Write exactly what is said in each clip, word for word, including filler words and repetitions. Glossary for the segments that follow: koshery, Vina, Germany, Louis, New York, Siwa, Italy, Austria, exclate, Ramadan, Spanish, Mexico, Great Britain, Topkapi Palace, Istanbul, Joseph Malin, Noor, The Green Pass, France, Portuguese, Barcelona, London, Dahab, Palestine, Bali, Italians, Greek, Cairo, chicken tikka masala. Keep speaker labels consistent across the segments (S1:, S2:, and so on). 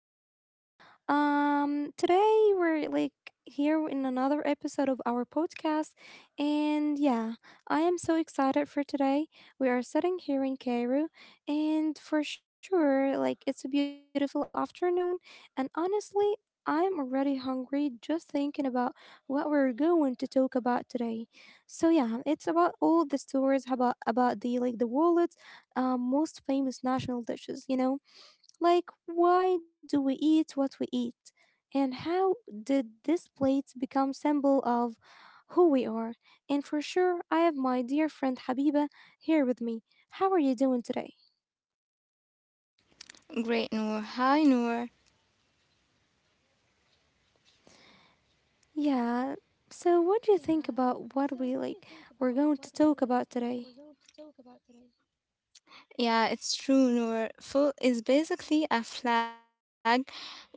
S1: everyone. Um, today we're like here in another episode of our podcast, and yeah, I am so excited for today. We are sitting here in Cairo, and for sure, like it's a beautiful afternoon, and honestly, I'm already hungry just thinking about what we're going to talk about today. So yeah, it's about all the stories about about the like the world's uh, most famous national dishes, you know like, why do we eat what we eat? And how did this plate become symbol of who we are? And for sure, I have my dear friend Habiba here with me. How are you doing today?
S2: Great, Noor. Hi, Noor.
S1: Yeah, so what do you think
S2: Yeah.
S1: about what we
S2: So,
S1: like
S2: what do you
S1: we're
S2: think
S1: going
S2: about
S1: to
S2: what
S1: talk
S2: we
S1: about
S2: like
S1: today?
S2: we're going to talk about today? Yeah, it's true, Noor. Food is basically a flag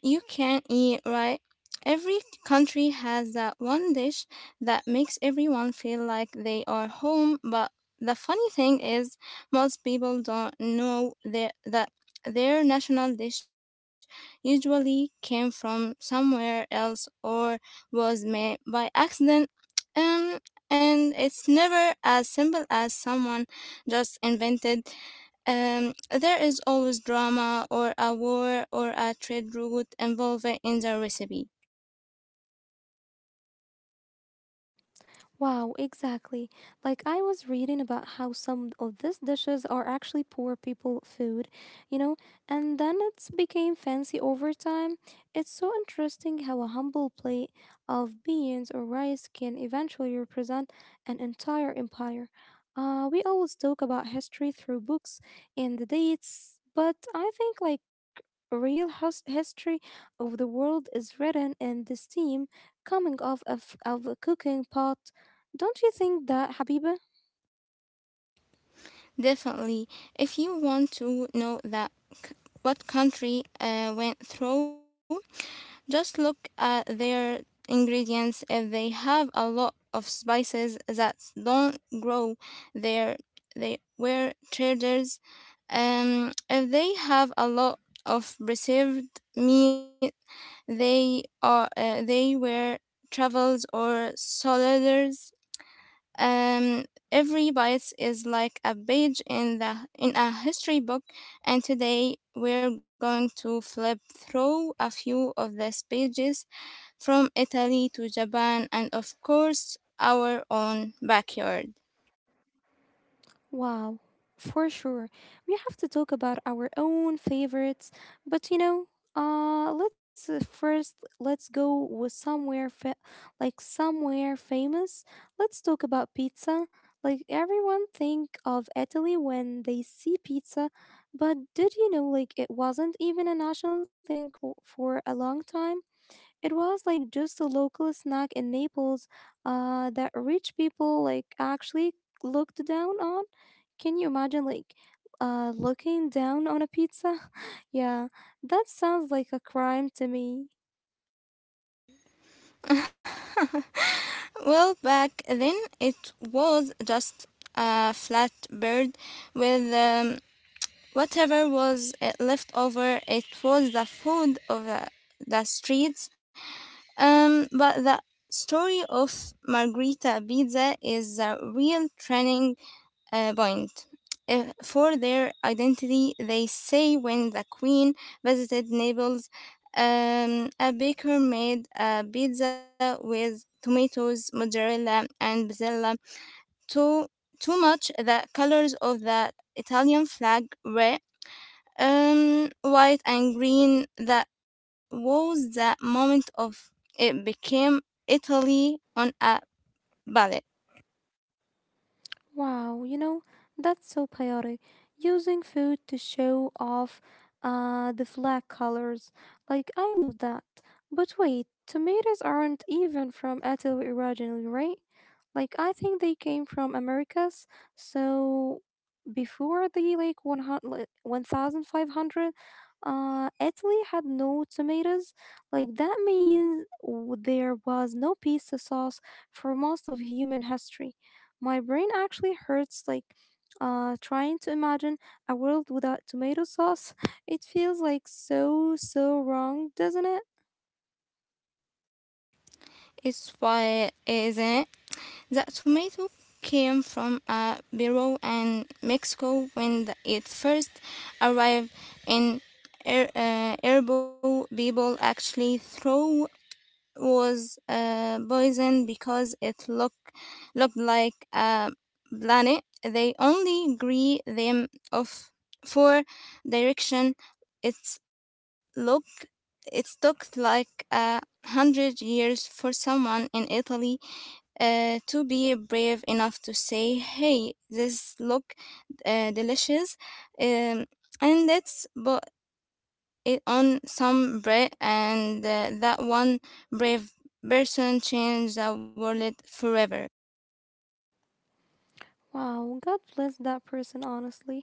S2: you can eat, right? Every country has that one dish that makes everyone feel like they are home, but the funny thing is, most people don't know that, that their national dish usually came from somewhere else or was made by accident. Um, and it's never as simple as someone just invented um, there is always drama or a war or a trade route involved in the recipe.
S1: Wow, exactly. Like I was reading about how some of these dishes are actually poor people food, you know, and then it's became fancy over time. It's so interesting how a humble plate of beans or rice can eventually represent an entire empire. Uh, we always talk about history through books and the dates, but I think like real hus- history of the world is written in the steam coming off of, of a cooking pot, don't you think that, Habiba?
S2: Definitely, if you want to know that what country uh, went through, just look at their ingredients. If they have a lot of spices that don't grow there, they were traders. Um, if they have a lot of preserved meat, they are uh, they were travels or soliders. Um, every bite is like a page in the in a history book, and today we're going to flip through a few of these pages, from Italy to Japan, and of course our own backyard.
S1: Wow, for sure. We have to talk about our own favorites, but you know, uh, let's uh, first let's go with somewhere fa- like somewhere famous. Let's talk about pizza. Like everyone think of Italy when they see pizza, but did you know like it wasn't even a national thing o- for a long time? It was like just a local snack in Naples uh, that rich people like actually looked down on. Can you imagine like uh, looking down on a pizza? yeah, that sounds like a crime to me.
S2: Well, back then it was just a flat bird with um, whatever was uh, left over. It was the food of uh, the streets. Um, but the story of Margherita Pizza is a real turning uh, point. Uh, for their identity, they say when the queen visited Naples, um, a baker made a pizza with tomatoes, mozzarella, and basil. Too, too much, the colors of the Italian flag were um, white and green. That was the moment of it became Italy on a ballot.
S1: Wow, you know, that's so poetic. Using food to show off uh, the flag colors. Like, I love that. But wait, tomatoes aren't even from Italy originally, right? Like, I think they came from Americas. So, before the like one hundred one thousand five hundred, one thousand five hundred, uh, Italy had no tomatoes. Like that means w- there was no pizza sauce for most of human history. My brain actually hurts like uh, trying to imagine a world without tomato sauce. It feels like so, so wrong, doesn't it?
S2: It's why, isn't it? The tomato came from a bureau in Mexico when the- it first arrived in Er- uh, herbal people actually throw was uh, poison because it looked looked like a planet. They only agree them of four direction. It's look it took like a hundred years for someone in Italy uh, to be brave enough to say, "Hey, this look uh, delicious," um, and let's put it on some bread, and uh, that one brave person changed the world forever.
S1: Wow, God bless that person, honestly.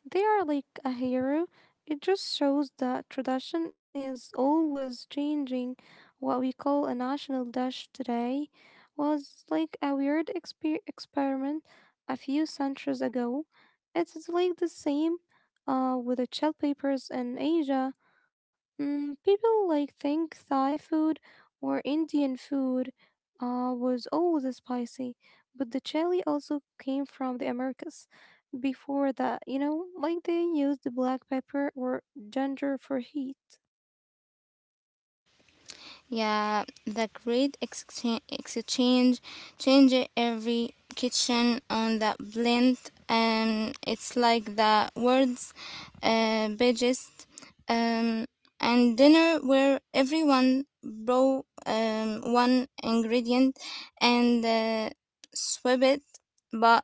S1: They are like a hero. It just shows that tradition is always changing. What we call a national dish today was like a weird exper- experiment a few centuries ago. It's like the same uh, with the chilled papers in Asia. Mm, people like think Thai food or Indian food uh, was always spicy, but the chili also came from the Americas. Before that, you know, like they used the black pepper or ginger for heat.
S2: Yeah, the great exchange, exchange change every kitchen on the blend, and it's like the words, uh, pages, um, and dinner where everyone brought um, one ingredient and uh, swap it. But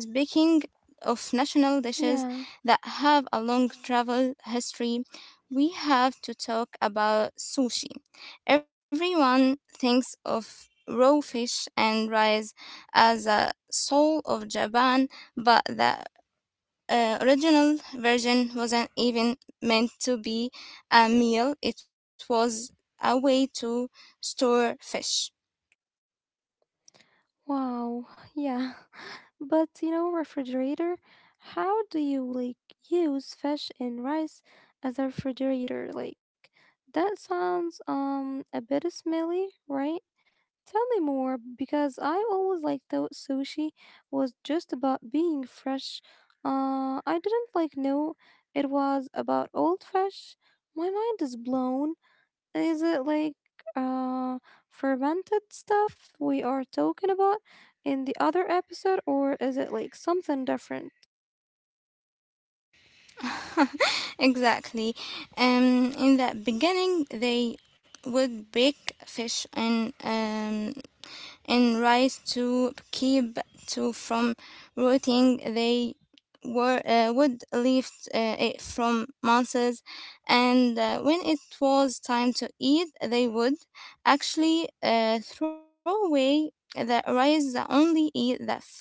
S2: speaking of national dishes
S1: Yeah,
S2: that have a long travel history, we have to talk about sushi. Everyone thinks of raw fish and rice as a soul of Japan, but the uh, original version wasn't even meant to be a meal, it was a way to store fish.
S1: wow, yeah. But you know, refrigerator, how do you like use fish and rice as a refrigerator? Like that sounds um a bit smelly, right? Tell me more because I always like thought sushi was just about being fresh. Uh, I didn't like know it was about old fish. My mind is blown. Is it like uh fermented stuff we are talking about in the other episode, or is it like something different?
S2: Exactly. Um, in the beginning, they would bake fish in um, in rice to keep to from rotting. They were, uh, would lift uh, it from months, and uh, when it was time to eat, they would actually uh, throw away the rice that only eat the fish.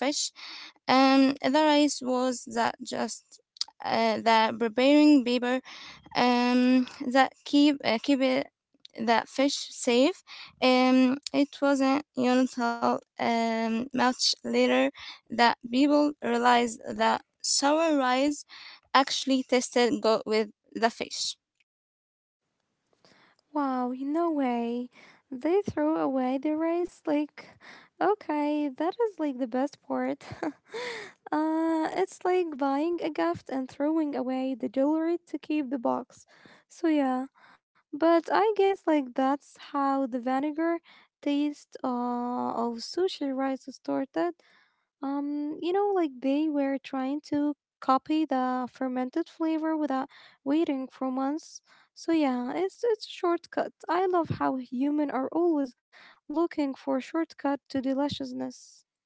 S2: Um, the rice was that just uh, the preparing paper um, that keep uh, keep it, that fish safe. Um, it wasn't until um, much later that people realized that sour rice actually tasted good with the fish.
S1: Wow, y- no way. They threw away the race. Like, okay, that is like the best part. uh, it's like buying a gift and throwing away the jewelry to keep the box. So, yeah. But I guess like that's how the vinegar taste uh, of sushi rice started. Um, you know, like they were trying to copy the fermented flavor without waiting for months. So yeah, it's it's a shortcut. I love how human are always looking for a shortcut to deliciousness.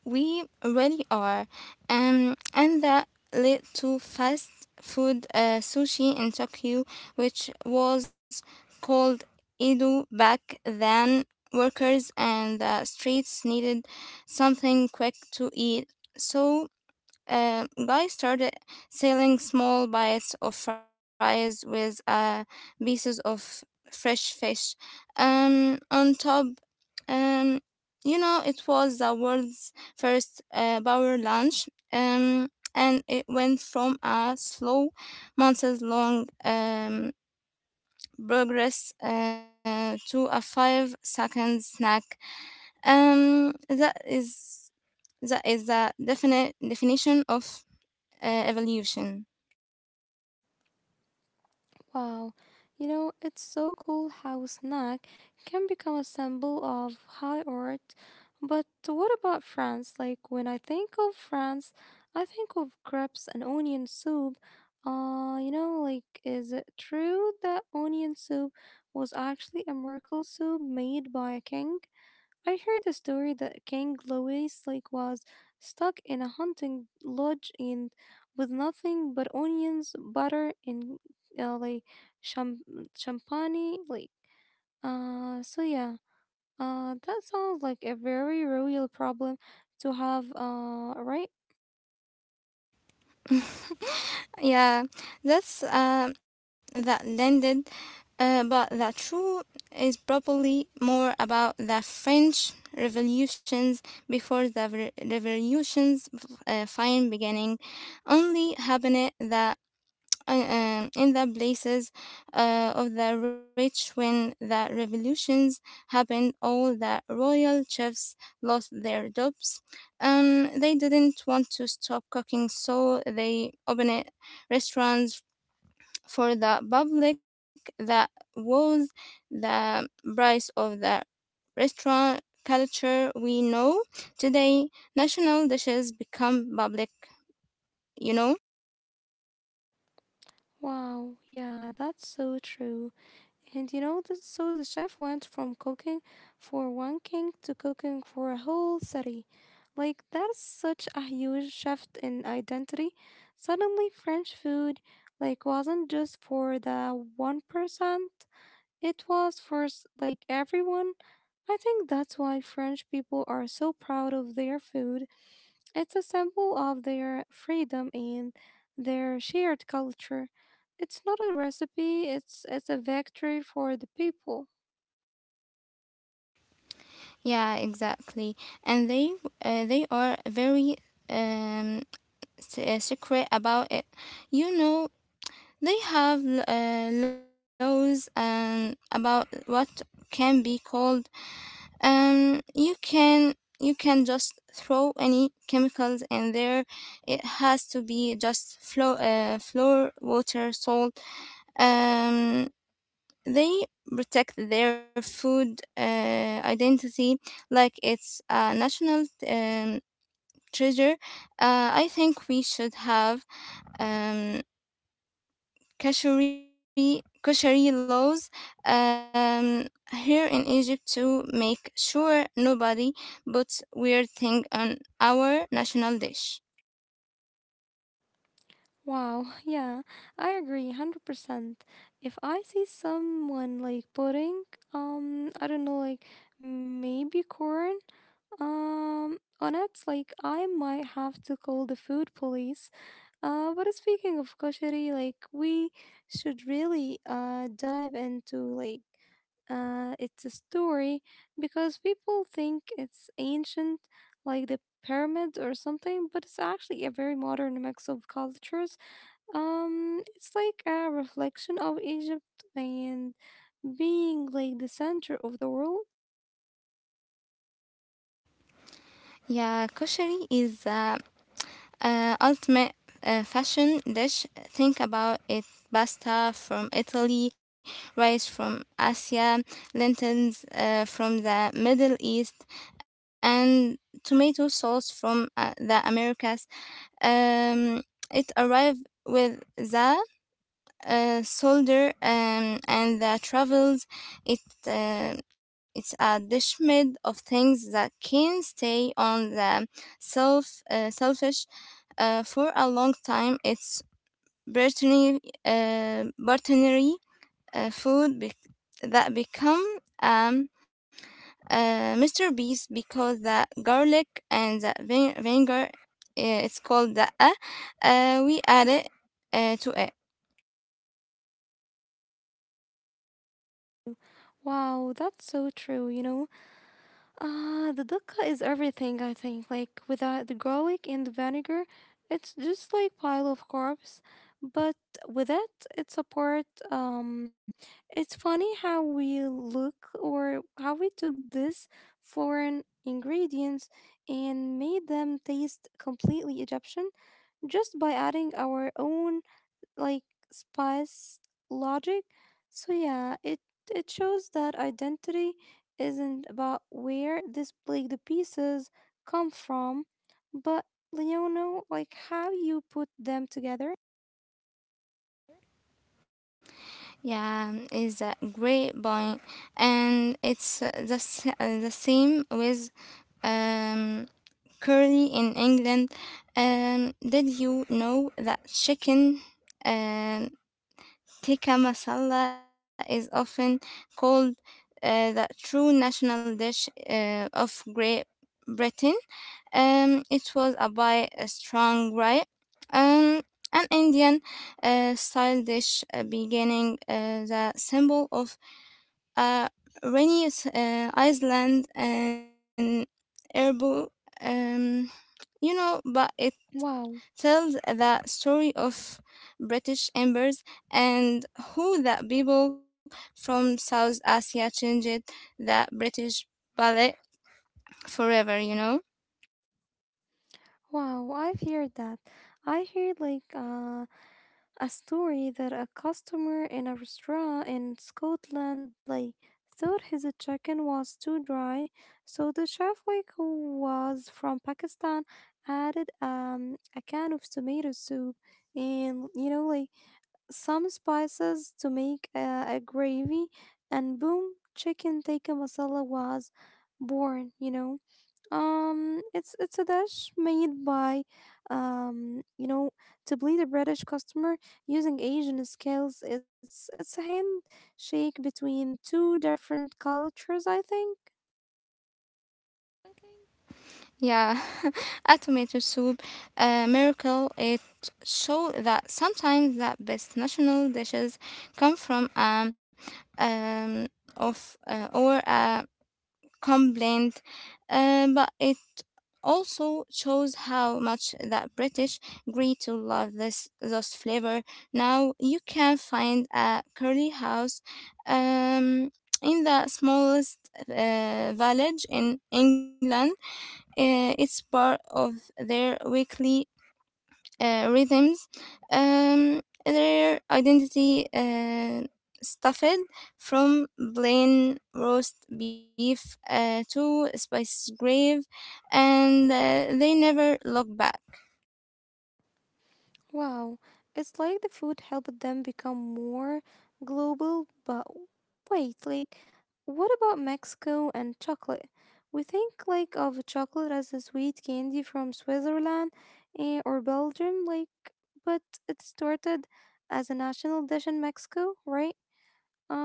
S2: We really are. Um, and that led to fast food uh, sushi in Tokyo, which was called Edo back then. Workers and the streets needed something quick to eat. So uh, guy started selling small bites of fries with uh, pieces of fresh fish um, on top. Um, you know, it was the world's first uh, power lunch, um, and it went from a slow, months-long um, progress uh, to a five-second snack. Um, that is that is the definite definition of uh, evolution.
S1: Wow, you know, it's so cool how snack can become a symbol of high art. But what about France? Like, when I think of France, I think of crepes and onion soup. Uh, you know, like, is it true that onion soup was actually a miracle soup made by a king? I heard a story that King Louis like was stuck in a hunting lodge and with nothing but onions, butter, and uh, like champ- champagne. Like, uh, so yeah, uh, that sounds like a very real problem to have. Uh, right?
S2: Yeah, that's uh, that landed, uh, but the true is probably more about the French revolutions before the re- revolutions uh, fine beginning only happened the uh, um, in the places uh, of the rich. When the revolutions happened, all the royal chefs lost their jobs. Um, they didn't want to stop cooking, so they opened restaurants for the public. That was the price of the restaurant culture we know today. National dishes become public, you know.
S1: Wow. Yeah, that's so true. And you know, this, so the chef went from cooking for one king to cooking for a whole city. Like, that is such a huge shift in identity. Suddenly, French food, like, wasn't just for the one percent, it was for, s- like, everyone. I think that's why French people are so proud of their food. It's a symbol of their freedom and their shared culture. It's not a recipe, it's it's a victory for the people.
S2: Yeah, exactly. And they uh, they are very um s- uh, secret about it. You know, they have l- uh, laws um about what can be called. Um you can you can just throw any chemicals in there. It has to be just flow uh flour, water, salt. Um they protect their food uh, identity like it's a national um, treasure. Uh, I think we should have um, koshery, koshery laws um, here in Egypt to make sure nobody puts weird thing on our national dish.
S1: Wow, yeah, I agree one hundred percent. If I see someone like putting um I don't know like maybe corn um on it, like I might have to call the food police. Uh, but speaking of koshery, like we should really uh dive into like uh it's a story because people think it's ancient, like the pyramid or something, but it's actually a very modern mix of cultures. Um, it's like a reflection of Egypt and being like the center of the world.
S2: Yeah, koshery is a. Uh, ultimate uh, fashion dish. Think about it: pasta from Italy, rice from Asia, lentils uh, from the Middle East, and tomato sauce from uh, the Americas. Um, it arrived with the uh, solder um, and the travels. It uh, it's a dish made of things that can stay on the self uh, selfish uh, for a long time. It's veterinary, uh, veterinary uh, food bec that become um, uh, Mister Beast because the garlic and the vin- vinegar, uh, it's called the uh, uh, we add it uh, to it.
S1: Wow, that's so true, you know. Uh, the dakka is everything, I think. Like without the garlic and the vinegar, it's just like pile of carbs. But with it, it's a part. Um, it's funny how we look or how we took this foreign ingredients and made them taste completely Egyptian just by adding our own like spice logic. So yeah, it it shows that identity isn't about where this like, the pieces come from, but you know, like how you put them together.
S2: Yeah, is a great point, and it's uh, the s- uh, the same with um, curry in England. Um, did you know that chicken um, tikka masala is often called uh, the true national dish uh, of Great Britain? Um, it was a by a strong right. Um, an Indian uh, style dish uh, beginning uh, the symbol of a rainy uh, island and herbal um, you know, but it
S1: Wow,
S2: tells the story of British embers and who the people from South Asia changed the British ballet forever, you know.
S1: wow, I've heard that. I heard like uh a story that a customer in a restaurant in Scotland like thought his chicken was too dry, so the chef like who was from Pakistan added um a can of tomato soup and you know like some spices to make a, a gravy, and boom, chicken tikka masala was born you know um, it's it's a dish made by, um, you know, to please a British customer using Asian skills. It's it's a handshake between two different cultures, I think.
S2: Yeah, a tomato soup, a miracle. It showed that sometimes the best national dishes come from um, um of uh, or a complaint, uh, but it also shows how much that British grew to love this this flavor. Now you can find a curly house um, in the smallest uh, village in England. Uh, it's part of their weekly uh, rhythms. Um, their identity uh, stuffed from plain roast beef uh, to spices grave, and uh, they never look back.
S1: Wow, it's like the food helped them become more global, but wait, like, what about Mexico and chocolate? We think like of chocolate as a sweet candy from Switzerland, eh, or Belgium, like, but it started as a national dish in Mexico, right?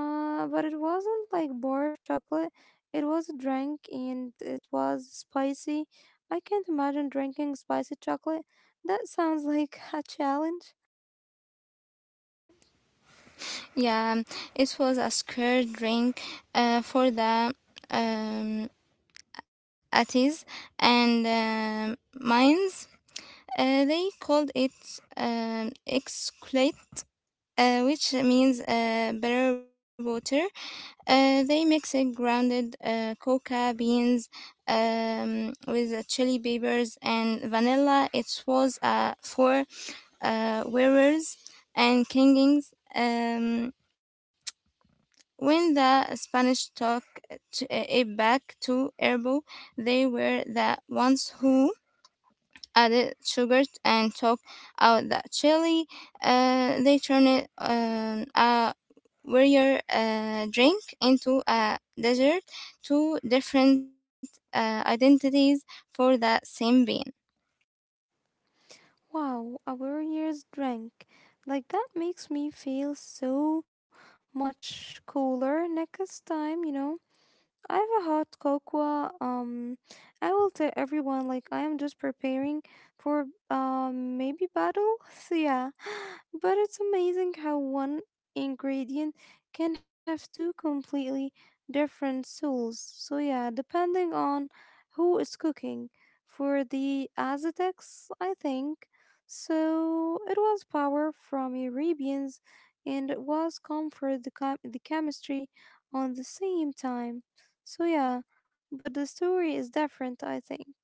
S1: Uh, but it wasn't like bar of chocolate. It was a drink and it was spicy. I can't imagine drinking spicy chocolate. That sounds like a challenge.
S2: Yeah, it was a scared drink uh, for the um, Atties and um mines. Uh, they called it um, exclate, uh, which means uh, better water. Uh, they mix it grounded uh, coca beans um, with uh, chili peppers and vanilla. It was uh, for uh, wearers and kings. Um, when the Spanish took t- uh, it back to Erbo, they were the ones who added sugar and took out the chili. Uh, they turned it um, a warrior uh, drink into a dessert. Two different uh, identities for the same bean.
S1: Wow, a warrior's drink. Like that makes me feel so much cooler next time, you know? I have a hot cocoa. Um, I will tell everyone like I am just preparing for um maybe battle. So yeah, but it's amazing how one ingredient can have two completely different souls. So yeah, depending on who is cooking. For the Aztecs, I think. So it was power from Arabians, and it was comfort the chem- the chemistry on the same time. So, yeah, but the story is different, I think.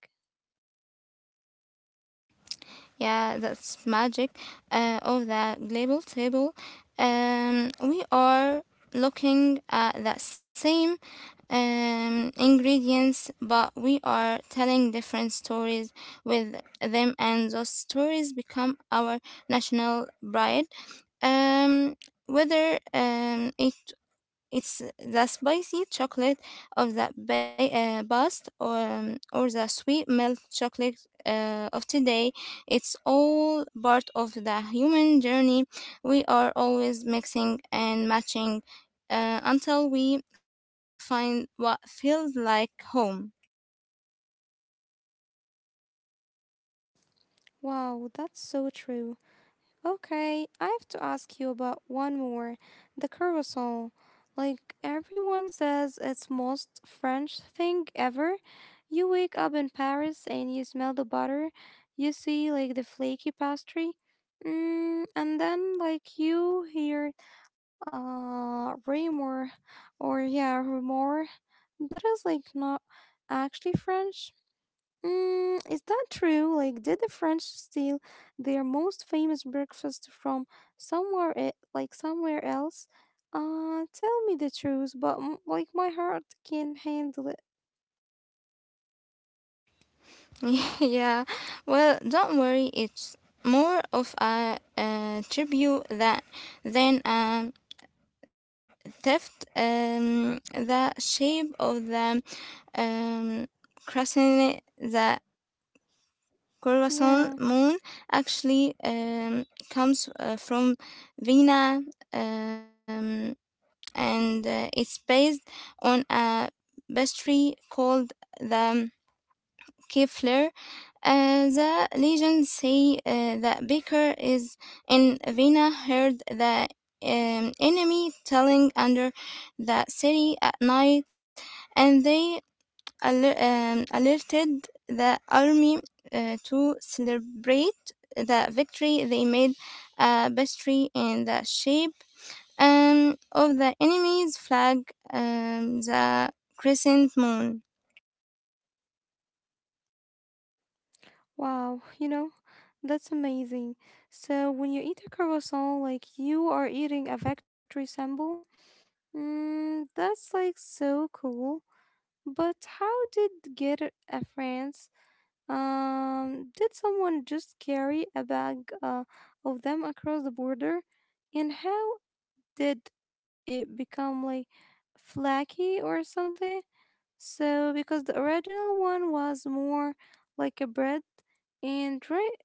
S2: Yeah, that's magic uh, of the global table. Um, we are looking at the same um, ingredients, but we are telling different stories with them, and those stories become our national pride. Um, Whether um, it it's the spicy chocolate of the ba- uh, past or, or the sweet milk chocolate uh, of today. It's all part of the human journey. We are always mixing and matching uh, until we find what feels like home.
S1: Wow, that's so true. Okay, I have to ask you about one more, the carousel. Like, everyone says it's most French thing ever. You wake up in Paris and you smell the butter, you see, like, the flaky pastry. Mm, and then, like, you hear uh, rumor, or yeah, rumor. That is, like, not actually French. Mm, is that true? Like, did the French steal their most famous breakfast from somewhere, e- like somewhere else? Uh, tell me the truth, but m- like my heart can't handle it.
S2: Yeah, well, don't worry, it's more of a, uh tribute that than a theft. Um, the shape of the um, crescent, the
S1: Yeah.
S2: crescent moon actually um, comes uh, from Vina, um, and uh, it's based on a pastry called the Kefler. Uh, the legends say uh, that Baker is in Vina heard the um, enemy telling under the city at night, and they aler- um, alerted the army uh, to celebrate the victory. They made a pastry in the shape um, of the enemy's flag, um, the crescent moon.
S1: Wow. You know, that's amazing. So when you eat a croissant, like you are eating a factory symbol. Mm, that's like so cool. But how did get a France? Um, did someone just carry a bag uh, of them across the border? And how did it become like flaky or something? So, because the original one was more like a bread and right,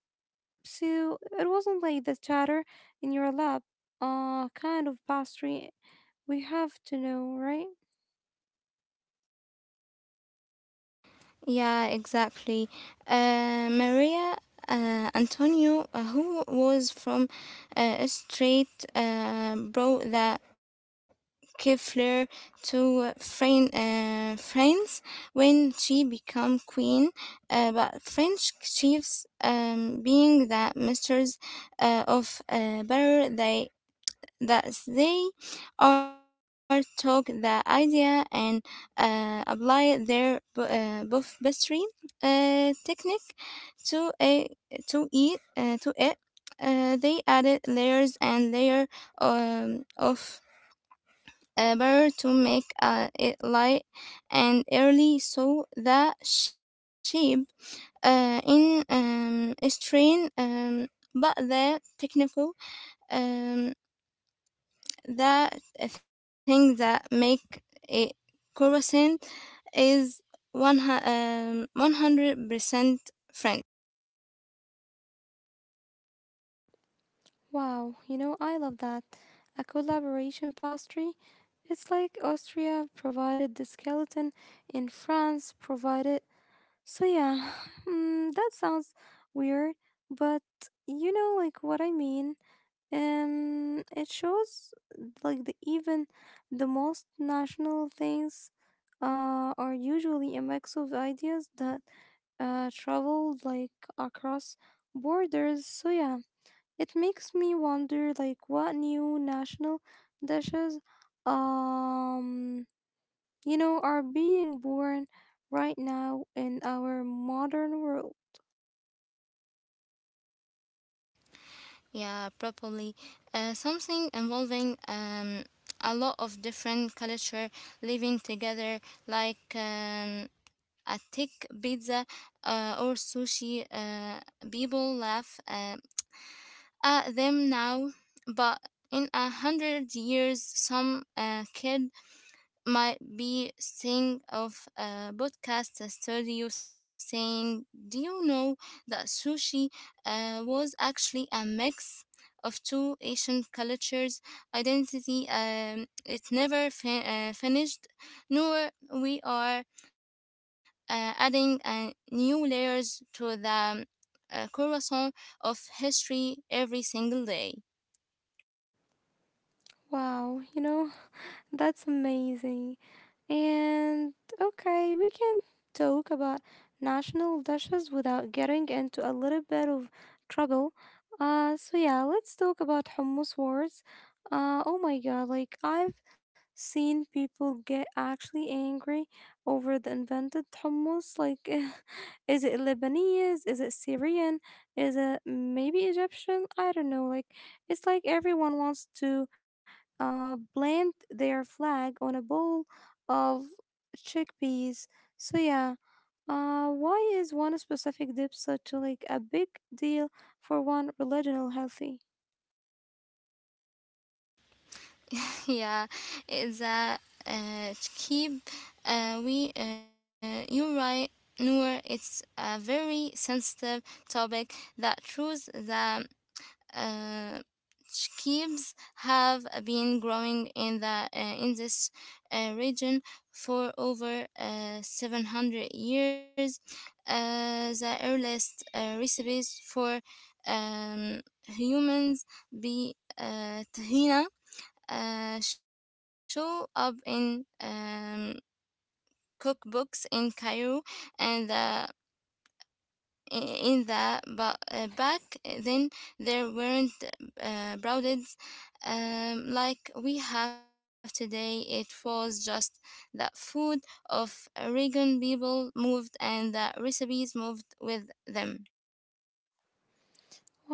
S1: so it wasn't like the chatter in your lap, uh, kind of pastry we have to know, right?
S2: Yeah, exactly. Uh, Maria uh, Antonio, uh, who was from uh, a straight, uh, brought the Kefler to Fran- uh, France when she became queen, uh, but French chiefs, um, being the masters uh, of uh, better, they that they are took the idea and uh, apply their bu- uh, buff pastry uh, technique to a to eat uh, to it. Uh, they added layers and layer um, of uh, better to make uh, it light and early so the shape uh, in um, strain um, but the technical um, the thing that make it croissant is one um, one hundred percent French.
S1: Wow, you know, I love that. A collaboration pastry. It's like Austria provided the skeleton and France provided. So, yeah, mm, that sounds weird, but you know, like what I mean. Um, it shows like the even the most national things uh, are usually a mix of ideas that uh, traveled like across borders. So, yeah. It makes me wonder like what new national dishes um you know are being born right now in our modern world.
S2: Yeah, probably uh, something involving um, a lot of different culture living together like um, a thick pizza uh, or sushi. Uh, people laugh uh, at them now, but in a hundred years, some uh, kid might be saying of a podcast a studio saying, "Do you know that sushi uh, was actually a mix of two Asian cultures' identity?" Um, it never fin- uh, finished, nor we are uh, adding uh, new layers to the um, uh, croissant of history every single day.
S1: Wow, you know, That's amazing. And okay, we can talk about national dishes without getting into a little bit of trouble. Uh, so yeah, let's talk about hummus wars. Uh, oh my god, like I've seen people get actually angry over the invented hummus. Like, is it Lebanese? Is it Syrian? Is it maybe Egyptian? I don't know. Like, it's like everyone wants to uh, plant their flag on a bowl of chickpeas. So yeah, uh, why is one specific dip such a, like a big deal for one religion healthy?
S2: yeah it's a uh, keep uh, we uh, you're right, Noor. It's a very sensitive topic that proves the uh, keeps have been growing in the uh, in this uh, region for over uh, seven hundred years. Uh, the earliest uh, recipes for um, humans be uh, tahina uh, show up in um, cookbooks in Cairo and the in the ba- uh, back then there weren't uh, brothers um, like we have today. It was just the food of Aragon. People moved and the recipes moved with them.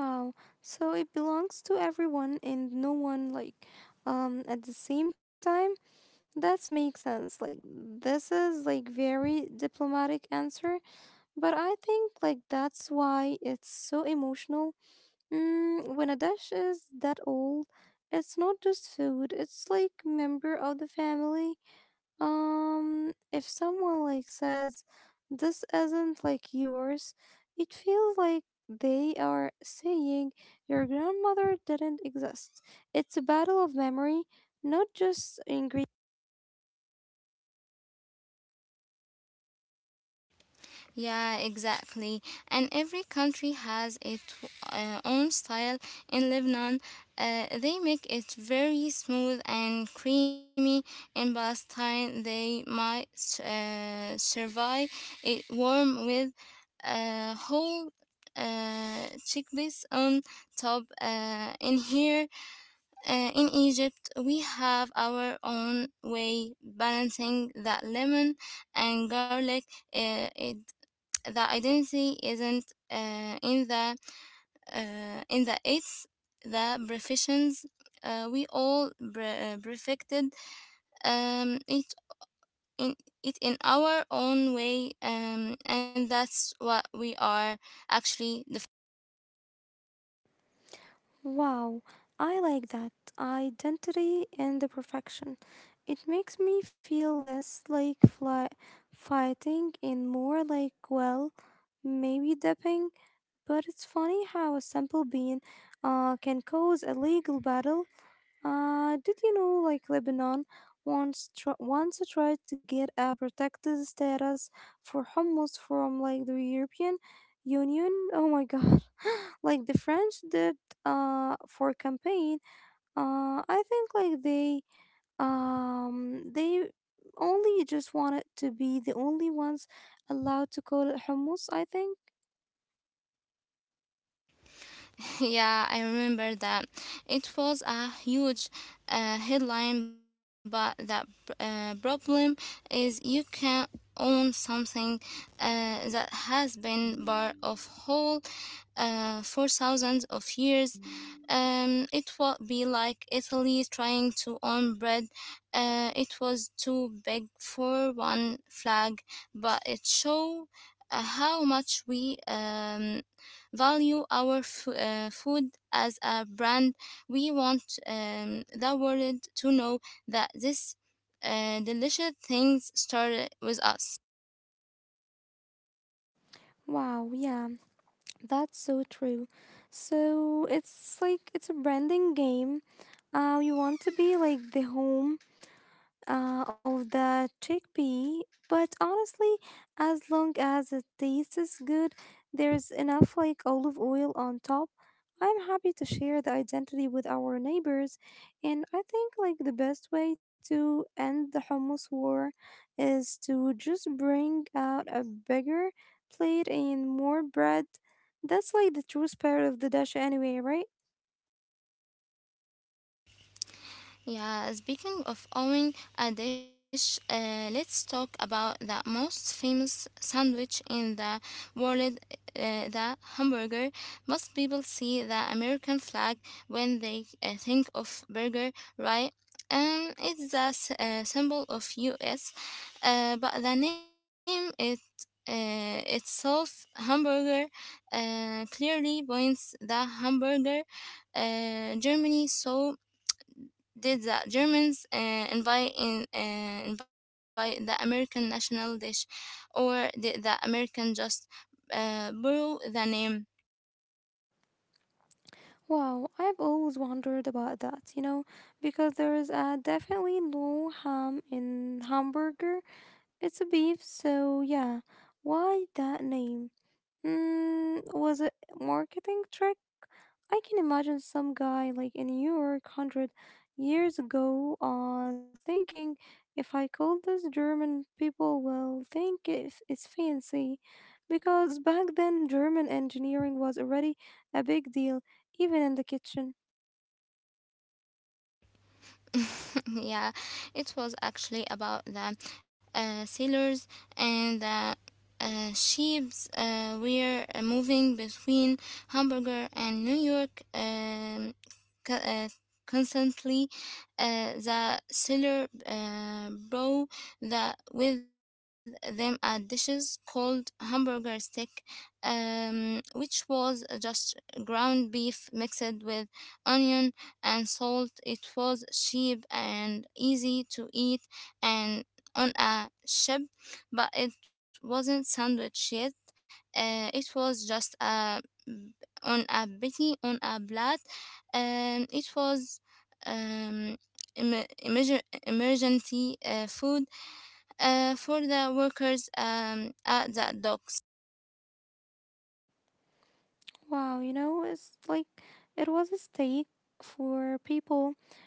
S1: Wow. So it belongs to everyone and no one, like um at the same time. That makes sense. Like this is like very diplomatic answer, but I think like that's why it's so emotional. Mm, when a dish is that old, it's not just food, it's like member of the family. Um, if someone like says this isn't like yours, it feels like they are saying your grandmother didn't exist. It's a battle of memory, not just ingredients.
S2: Yeah, exactly. And every country has its uh, own style. In Lebanon, uh, they make it very smooth and creamy. In Palestine, they might uh, survive it warm with uh, whole uh, chickpeas on top. Uh, in here, uh, in Egypt, we have our own way balancing that lemon and garlic. Uh, it The identity isn't uh, in the uh, in the it's the professions uh, we all bre- uh, perfected um, it in it in our own way, um, and that's what we are actually.
S1: Wow, I like that. Identity and the perfection. It makes me feel less like fly- fighting and more like, well, maybe dipping. But it's funny how a simple bean uh, can cause a legal battle. Uh, did you know, like Lebanon once tr- once tried to get a protected status for hummus from like the European Union? Oh my God! Like the French did uh for a campaign. Uh, I think like they um they only just wanted to be the only ones allowed to call it hummus. I think.
S2: Yeah, I remember that. It was a huge uh, headline, but the uh, problem is you can own something uh, that has been part of whole uh, for thousands of years. Um, it would be like Italy trying to own bread. Uh, it was too big for one flag, but it showed uh, how much we um, value our f- uh, food as a brand. We want um, the world to know that this uh, delicious things started with us.
S1: Wow. Yeah. That's so true. So it's like it's a branding game. Uh, you want to be like the home uh, of the chickpea, but honestly, as long as it tastes good, there's enough like olive oil on top. I'm happy to share the identity with our neighbors, and I think like the best way to end the hummus war is to just bring out a bigger plate and more bread. That's like the true spirit of the dish anyway, right?
S2: Yeah, speaking of owning a dish, uh, let's talk about the most famous sandwich in the world, uh, the hamburger. Most people see the American flag when they uh, think of burger, right? And it's the s- uh, symbol of U S, uh, but the name it uh, itself, hamburger, uh, clearly points the hamburger, uh, Germany. So did the Germans uh, invite in, uh, invite the American national dish, or did the American just uh, borrow the name?
S1: Wow, I've always wondered about that, you know, because there is uh, definitely no ham in hamburger. It's a beef, so yeah. Why that name? Mm, was it marketing trick? I can imagine some guy like in New York hundred years ago, uh, thinking if I call this German, people will think if it's fancy, because back then German engineering was already a big deal, even in the kitchen.
S2: yeah, it was actually about the uh, sailors and the uh, ships uh, were uh, moving between Hamburger and New York. Um, co- uh, Constantly, uh, the seller uh, brought the, with them a dishes called hamburger stick, um, which was just ground beef mixed with onion and salt. It was cheap and easy to eat and on a ship, but it wasn't sandwich yet. Uh, it was just a on a bitty on a blood. Um, it was um, em- emergen- emergency uh, food uh, for the workers um, at the docks.
S1: Wow, you know, it's like it was a stake for people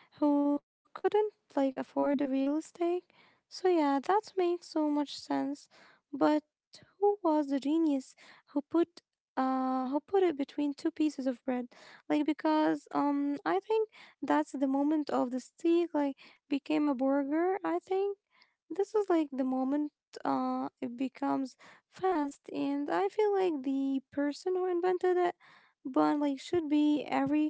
S1: who couldn't like afford the real estate. So yeah, that makes so much sense. But who was the genius who put uh who put it between two pieces of bread? Like because um I think that's the moment of the steak like became a burger, I think. This is like the moment uh it becomes fast and I feel like the person who invented it but like should be every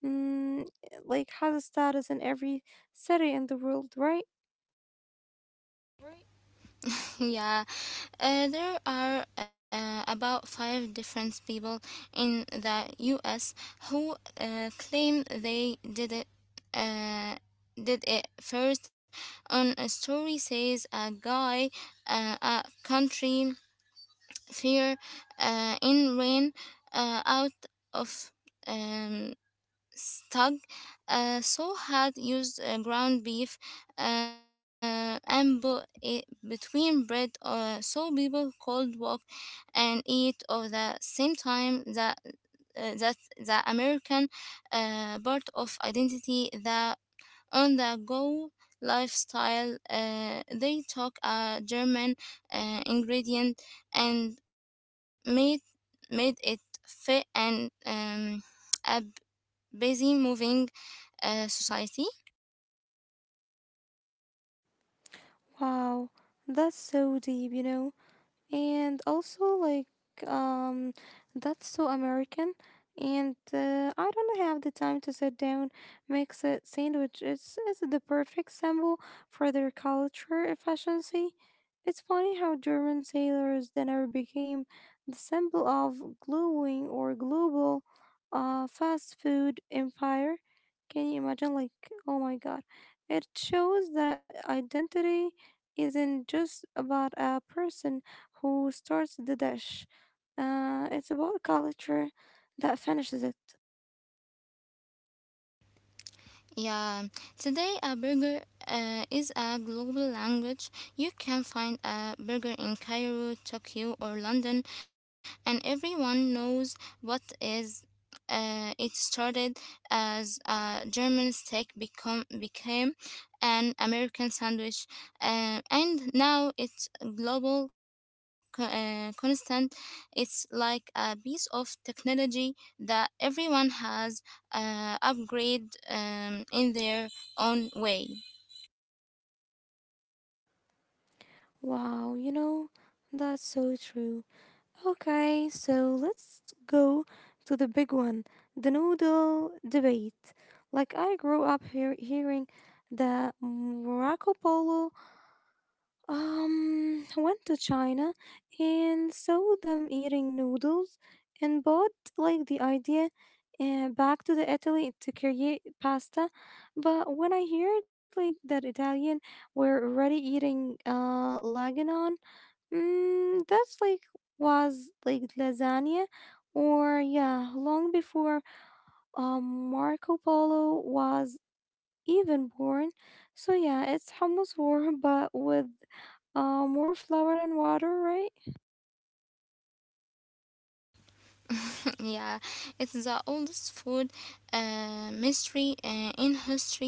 S1: mm, like has a status in every city in the world, right?
S2: yeah, uh, there are uh, about five different people in the U S who uh, claim they did it. Uh, did it first. On a story says a guy uh, a country fear uh, in rain uh, out of um, stug. Uh, so had used uh, ground beef uh, and bu- i- between bread, uh, so people could walk and eat of the same time that uh, that the American uh, part of identity, the on the go lifestyle, uh, they took a German uh, ingredient and made made it fit and, um, a busy moving uh, society.
S1: Wow, that's so deep, you know. And also like, um that's so American, and uh, I don't have the time to sit down, makes a sandwich. It's, it's the perfect symbol for their culture efficiency. It's funny how German sailors dinner became the symbol of glowing or global uh, fast food empire. Can you imagine? Like, oh my god. It shows that identity isn't just about a person who starts the dish, uh, it's about culture that finishes it.
S2: Yeah, today a burger uh, is a global language. You can find a burger in Cairo, Tokyo, or London, and everyone knows what is. Uh, it started as a German steak become became an American sandwich, uh, and now it's a global co- uh, constant. It's like a piece of technology that everyone has uh, upgrade um, in their own way.
S1: Wow, you know, that's so true. Okay, so let's go to the big one, the noodle debate. Like, I grew up hear- hearing that Marco Polo Um, went to China and saw them eating noodles and bought like the idea uh, back to the Italy to create pasta. But when I heard like that Italian were already eating uh laganon, mm, that's like was like lasagna or yeah, long before um Marco Polo was even born. So yeah, it's hummus warm, but with uh, more flour and water, right?
S2: yeah, it's the oldest food uh, mystery uh, in history.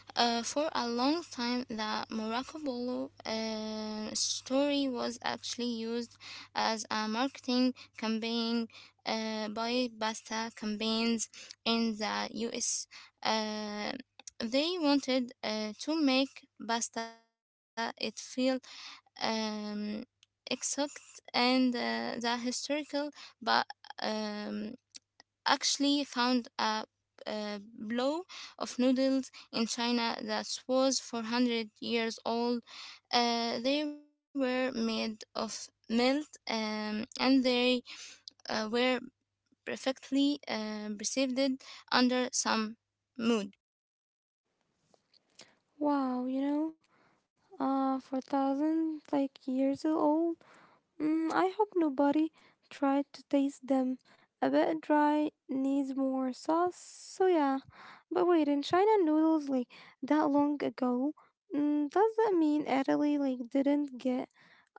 S2: Uh, for a long time, the Morocco Bolo uh, story was actually used as a marketing campaign uh, by pasta campaigns in the U S. Uh, they wanted uh, to make pasta it feel um, exotic and uh, the historical, but um, actually found a, a blow of noodles in China that was four hundred years old. Uh, they were made of milk, um, and they uh, were perfectly uh, preserved under some mood.
S1: Wow, you know, uh, for thousand like years old. Mm, I hope nobody tried to taste them. A bit dry, needs more sauce. So yeah, but wait, in China noodles like that long ago. Mm, does that mean Italy like didn't get,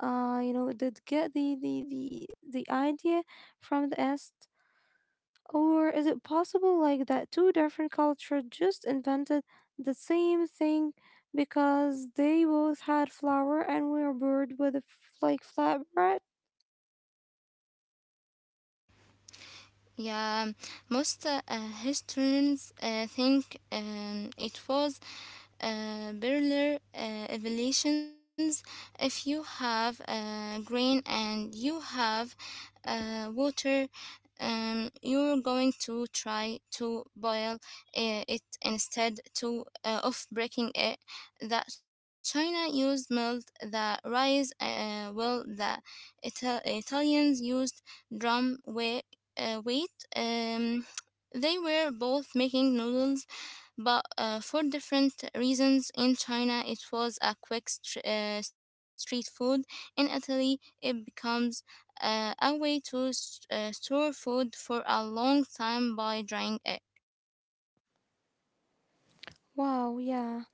S1: uh, you know, did get the the the the idea from the East? Or is it possible like that two different cultures just invented the same thing because they both had flour and were bored with a f- like flatbread?
S2: Yeah, most uh, uh, historians uh, think um, it was uh, Berler uh, evolutions. If you have uh, grain and you have uh, water, um, you're going to try to boil uh, it instead to uh, of breaking it. That China used milled the rice, uh, well, the Ital- Italians used drum wheat uh, weight. Um, they were both making noodles, but uh, for different reasons. In China, it was a quick str uh, street food. In Italy, it becomes uh, a way to s- uh, store food for a long time by drying it.
S1: Wow, yeah.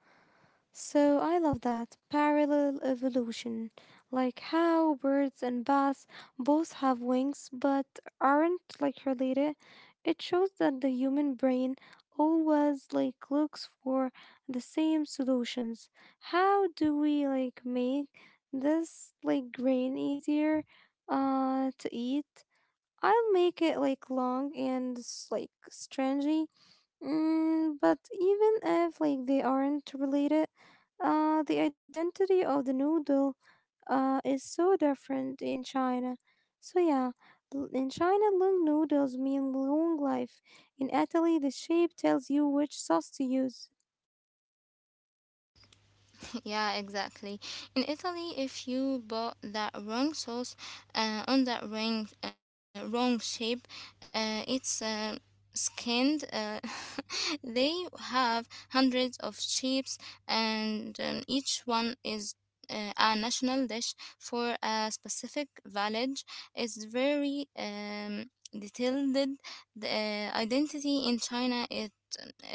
S1: So I love that parallel evolution, like how birds and bats both have wings but aren't like related. It shows that the human brain always like looks for the same solutions. How do we like make this like grain easier uh to eat? I'll make it like long and s- like stringy. Mm, but even if like they aren't related, uh, the identity of the noodle uh is so different in China. So yeah, l- in China, long noodles mean long life. In Italy, the shape tells you which sauce to use.
S2: yeah, exactly. In Italy, if you bought that wrong sauce uh, on that wrong, uh, wrong shape, uh, it's uh, skinned. Uh, they have hundreds of shapes, and um, each one is. Uh, a national dish for a specific village. It's very um, detailed. The uh, identity in China, it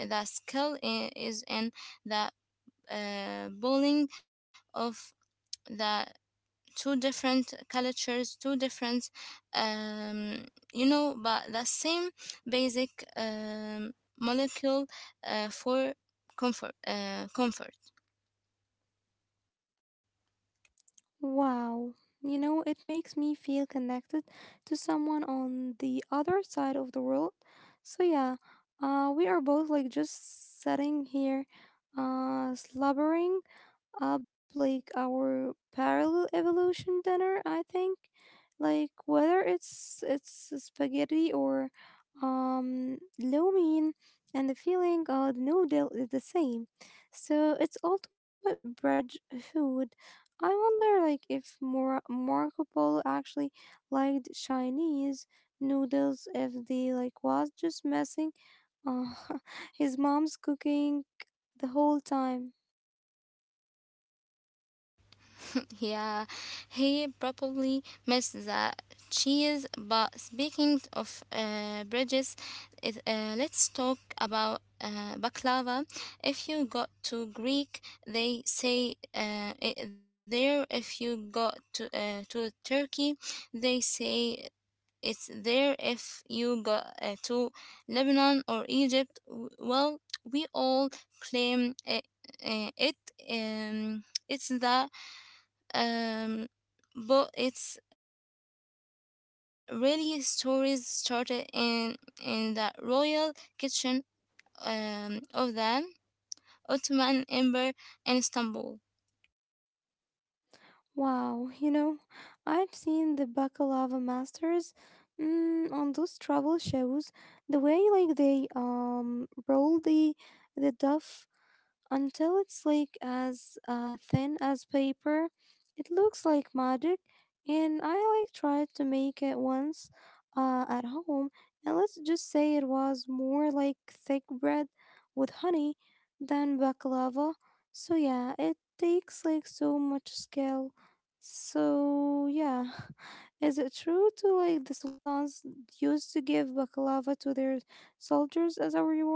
S2: the skill i- is in the uh, bowling of the two different cultures, two different, um, you know, but the same basic um, molecule uh, for comfort. Uh, comfort.
S1: Wow, you know it makes me feel connected to someone on the other side of the world. So yeah, uh, we are both like just sitting here, uh, slobbering up like our parallel evolution dinner. I think like whether it's it's spaghetti or um lo mein, and the feeling of the noodle is the same, so it's ultimate bridge food. I wonder like if more Marco Polo actually liked Chinese noodles, if they like was just messing uh, his mom's cooking the whole time.
S2: Yeah, he probably missed the cheese. But speaking of uh, bridges, it, uh, let's talk about uh, baklava. If you go to Greek, they say uh, it there. If you go to uh, to Turkey, they say it's there. If you go uh, to Lebanon or Egypt, w- well, we all claim it. Uh, it um, it's the um, but it's really stories started in in the royal kitchen, um, of the Ottoman Empire in Istanbul.
S1: Wow, you know, I've seen the baklava masters, mm, on those travel shows. The way like they um roll the the dough until it's like as uh, thin as paper. It looks like magic, and I like tried to make it once uh, at home, and let's just say it was more like thick bread with honey than baklava. So yeah, it takes like so much skill. So yeah, is it true to like the sultans used to give baklava to their soldiers as a reward?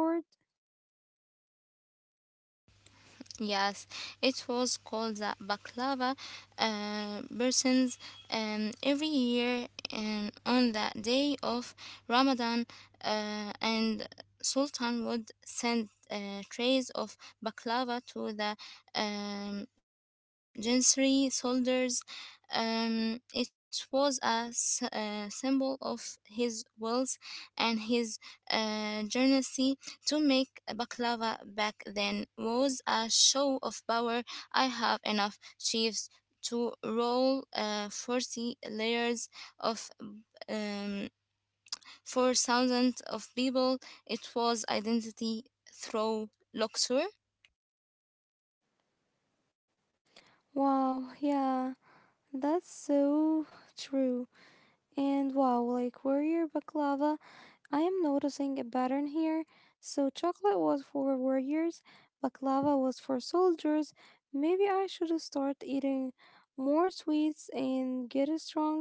S2: Yes, it was called the Baklava uh, persons um, every year, and on the day of Ramadan, uh, and Sultan would send uh, trays of baklava to the um, Janissary soldiers. Um, it was a, s- a symbol of his wealth and his uh, generosity. To make a baklava back then was a show of power. I have enough chips to roll uh, forty layers of, um, for thousands of people. It was identity through luxury.
S1: Wow, yeah, that's so true. And wow, like warrior baklava, I am noticing a pattern here. So chocolate was for warriors, baklava was for soldiers. Maybe I should start eating more sweets and get stronger.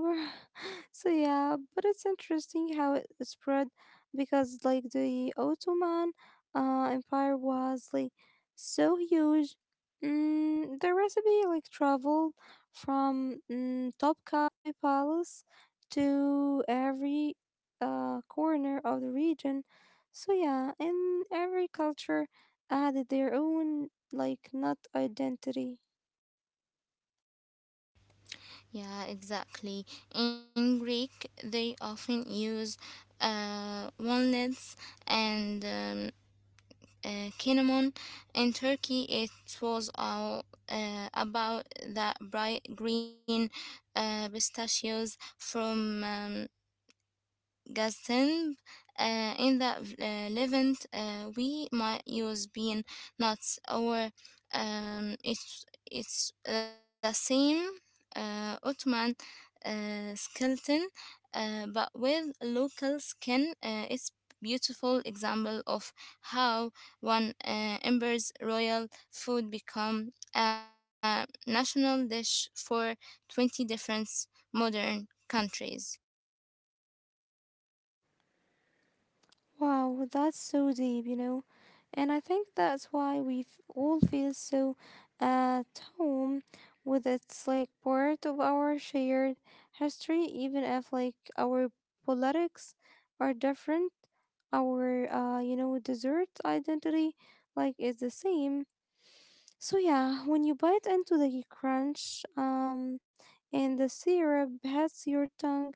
S1: So yeah, but it's interesting how it spread because like the Ottoman uh, Empire was like so huge. Mm, the recipe like traveled from mm, Topkapi Palace to every uh, corner of the region. So yeah, and every culture added their own like not identity.
S2: Yeah, exactly. In Greek, they often use uh, one and um, uh, cinnamon. In Turkey, it was all uh, about the bright green uh, pistachios from um, Gastemp. Uh, in the uh, Levant, uh, we might use bean nuts or, um, it's, it's the same uh, Ottoman uh, skeleton, uh, but with local skin. Uh, it's beautiful example of how one uh, ember's royal food become a national dish for twenty different modern countries.
S1: Wow, that's so deep, you know. And I think that's why we f- all feel so at home with it's like part of our shared history, even if like our politics are different, our uh, you know, dessert identity like is the same. So yeah, when you bite into the crunch um and the syrup hits your tongue,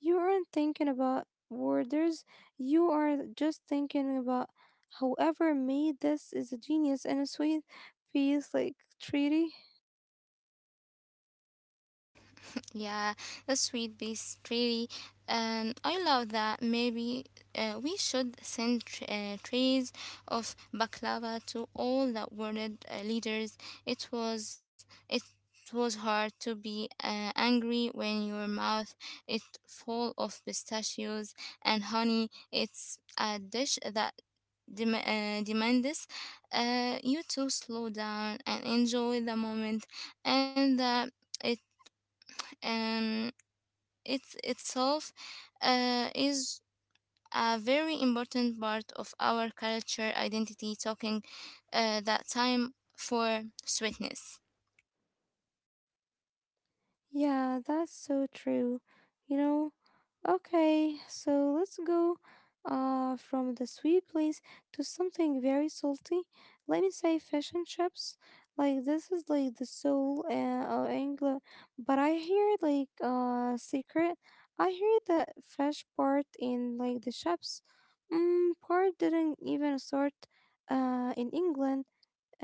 S1: you aren't thinking about borders, you are just thinking about whoever made this is a genius and a sweet piece like treaty.
S2: Yeah, that's sweet base really. Um, I love that. Maybe uh, we should send tr- uh, trays of baklava to all the world uh, leaders. It was it was hard to be uh, angry when your mouth is full of pistachios and honey. It's a dish that dem- uh, demands uh, you to slow down and enjoy the moment and. Uh, it um it's itself uh, is a very important part of our culture identity talking uh, that time for sweetness.
S1: Yeah, that's so true. You know, okay, so let's go uh from the sweet place to something very salty. Let me say fish and chips. Like this is like the soul uh, of England, but I hear like uh secret. I hear that fish part in like the chips, mm, part didn't even start uh, in England.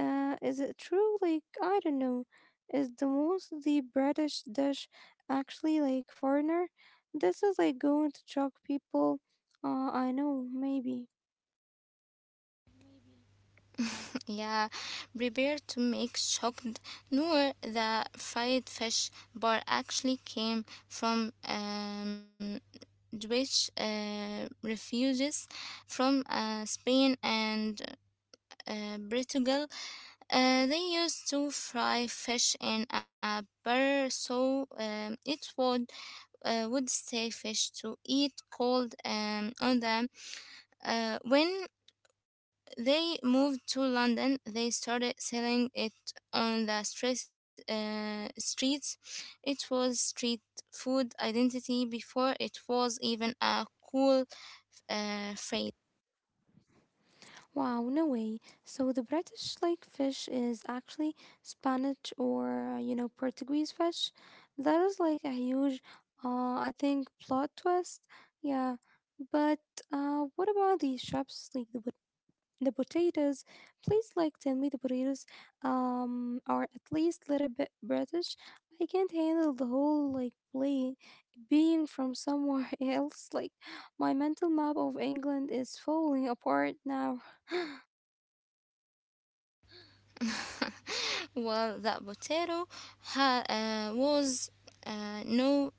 S1: Uh, is it true? Like, I don't know. Is the most the British dish actually like foreigner? This is like going to shock people. Uh, I know, maybe.
S2: yeah prepare to make shocked, nor the fried fish bar actually came from um, Jewish uh, refuges from uh, Spain and uh, Portugal. Uh, they used to fry fish in a butter, so um, it would uh, would stay fish to eat cold, um, on them. Uh, when they moved to London, they started selling it on the stress, uh, streets. It was street food identity before it was even a cool uh, phrase.
S1: Wow, no way. So the British lake fish is actually Spanish or, uh, you know, Portuguese fish. That is like a huge, uh, I think, plot twist. Yeah. But uh, what about the shops, like the, pot- the potatoes? Please, like, tell me the potatoes um, are at least little bit British. I can't handle the whole, like, play being from somewhere else. Like, my mental map of England is falling apart now.
S2: well, the potato ha- uh, was uh, no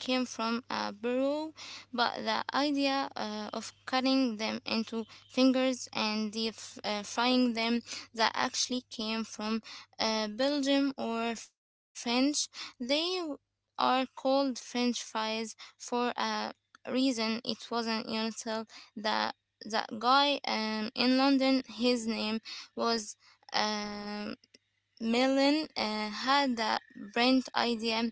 S2: came from a burrow, but the idea uh, of cutting them into fingers and deep uh, frying them, that actually came from uh, Belgium or French. They are called French fries for a reason. It wasn't until that that guy, um, in London, his name was, um, Millen, uh, had the brilliant idea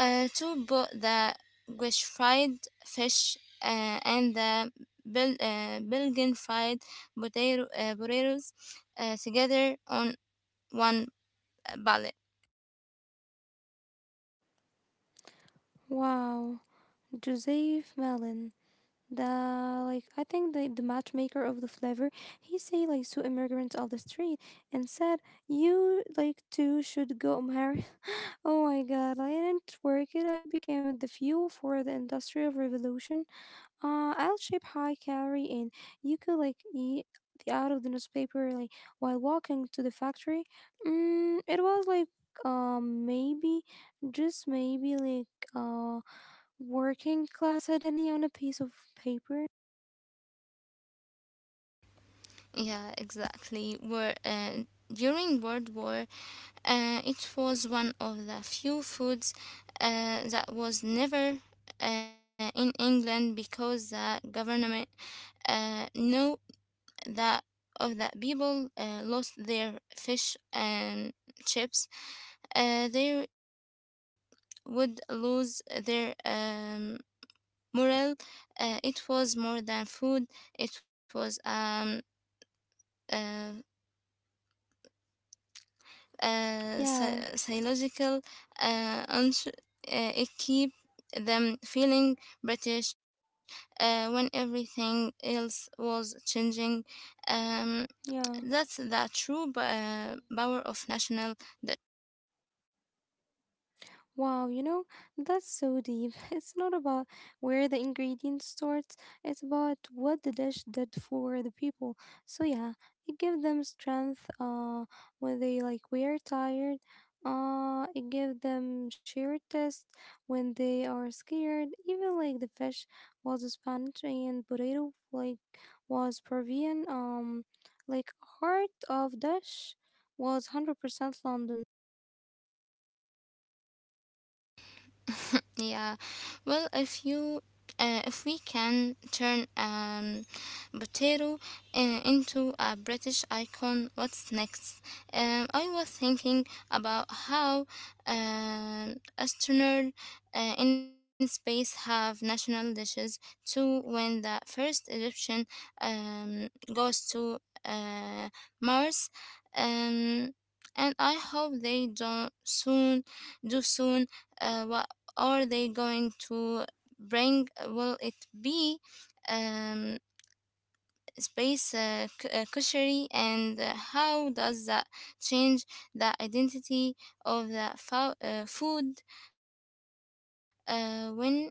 S2: uh, to bu- the Gush fried fish uh, and the Bel- uh, Belgian fried potato- uh, potatoes uh, together on one pallet.
S1: Wow, Joseph Malin, the like I think the, the matchmaker of the flavor, he say like to immigrants of the street and said you like too should go marry. Oh my God, I didn't work it. I became the fuel for the industrial revolution. Uh, I'll ship high calorie and you could like eat the out of the newspaper like while walking to the factory. Mm, it was like um maybe just maybe like uh working class identity on a piece of paper?
S2: Yeah, exactly. Were, uh, during World War, uh, it was one of the few foods uh, that was never uh, in England because the government uh, no that of the people uh, lost their fish and chips, uh, they would lose their, um, morale. Uh, it was more than food. It was um, uh, uh,
S1: Yeah,
S2: psy- psychological, uh, uns- uh, it keep them feeling British uh, when everything else was changing. Um,
S1: yeah.
S2: That's the true pa- power of national.
S1: Wow, you know, that's so deep. It's not about where the ingredients start, it's about what the dish did for the people. So yeah, it gave them strength uh when they like were tired. Uh it gave them sheer test when they are scared. Even like the fish was Spanish and burrito like was Peruvian. Um like heart of dish was one hundred percent London.
S2: Yeah, well, if you uh, if we can turn, um, potato uh, into a British icon, what's next? Um, I was thinking about how um astronauts uh, in space have national dishes too. When the first Egyptian, um, goes to uh, Mars, um, and I hope they don't soon do soon, uh, what are they going to bring? Will it be, um, space uh, c- uh, cushery, and uh, how does that change the identity of the fo- uh, food uh, when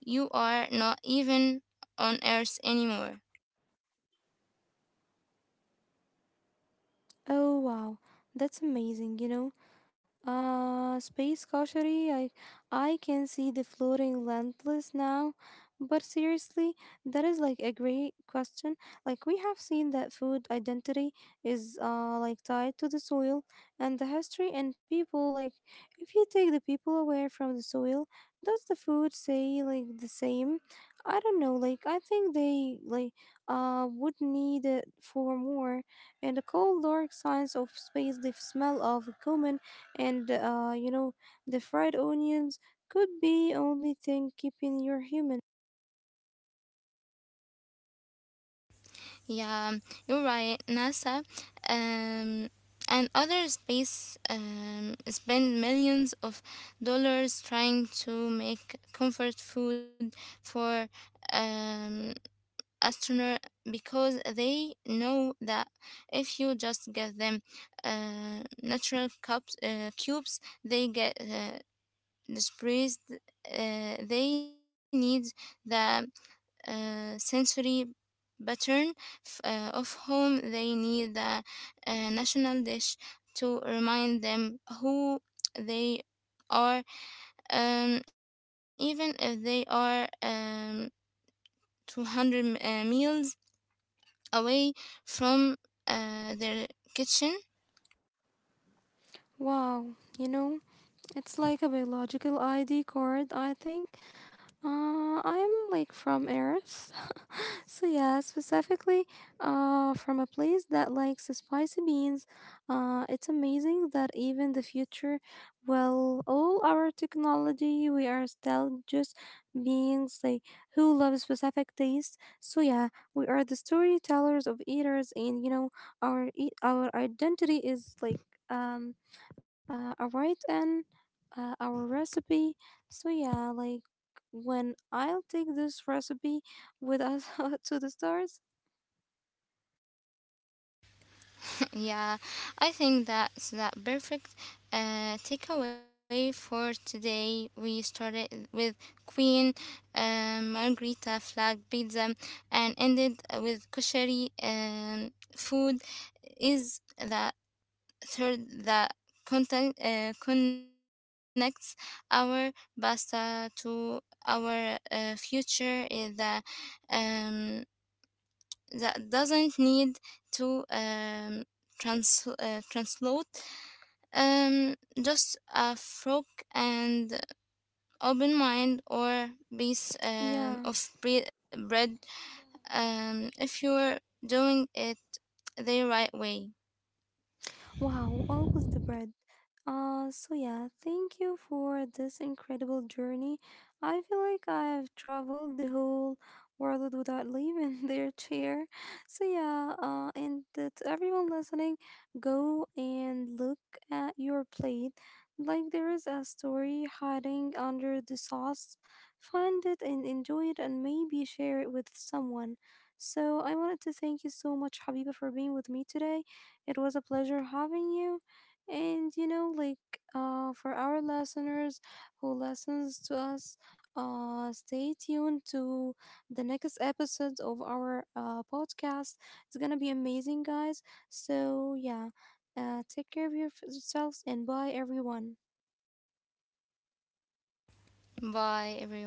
S2: you are not even on Earth anymore?
S1: Oh wow, that's amazing, you know. Uh, space cautionary. I I can see the floating lentless now, but seriously, that is like a great question. Like we have seen that food identity is uh like tied to the soil and the history and people. Like if you take the people away from the soil, does the food say like the same? I don't know. Like I think they like uh would need it for more. In the cold dark science of space, the smell of cumin and uh, you know, the fried onions could be only thing keeping you human.
S2: Yeah, um, you're right, NASA. Um, and other space, um, spend millions of dollars trying to make comfort food for, um, astronauts because they know that if you just get them uh, natural cups, uh, cubes, they get uh, displaced. Uh, they need the uh, sensory pattern, f- uh, of whom they need the uh, national dish to remind them who they are, um, even if they are, um, two hundred m- uh, meals away from uh, their kitchen.
S1: Wow, you know, it's like a biological I D card, I think. Uh, I'm like from Earth. So yeah, specifically uh from a place that likes the spicy beans. Uh it's amazing that even the future well all our technology we are still just beings like who love specific taste. So yeah, we are the storytellers of eaters and you know our eat our identity is like um uh, a right and uh, our recipe. So yeah, like when I'll take this recipe with us to the stars?
S2: Yeah, I think that's that perfect uh, takeaway for today. We started with Queen, um, Margherita flag pizza and ended with kosher, um, food. Is the third that contact, uh, connects our pasta to our uh, future? Is the, um, that doesn't need to, um, trans uh, translate, um, just a frog and open mind or piece,
S1: Yeah.
S2: um, of bre- bread, um, if you're doing it the right way.
S1: Wow, always the bread. Uh, so yeah, thank you for this incredible journey. I feel like I have traveled the whole world without leaving their chair. So yeah, uh, and uh, to everyone listening, go and look at your plate. Like there is a story hiding under the sauce. Find it and enjoy it, and maybe share it with someone. So I wanted to thank you so much, Habiba, for being with me today, it was a pleasure having you. And you know, like uh, for our listeners who listens to us, uh, stay tuned to the next episode of our uh, podcast. It's gonna be amazing, guys. So yeah, uh, take care of your- yourselves and bye, everyone.
S2: Bye, everyone.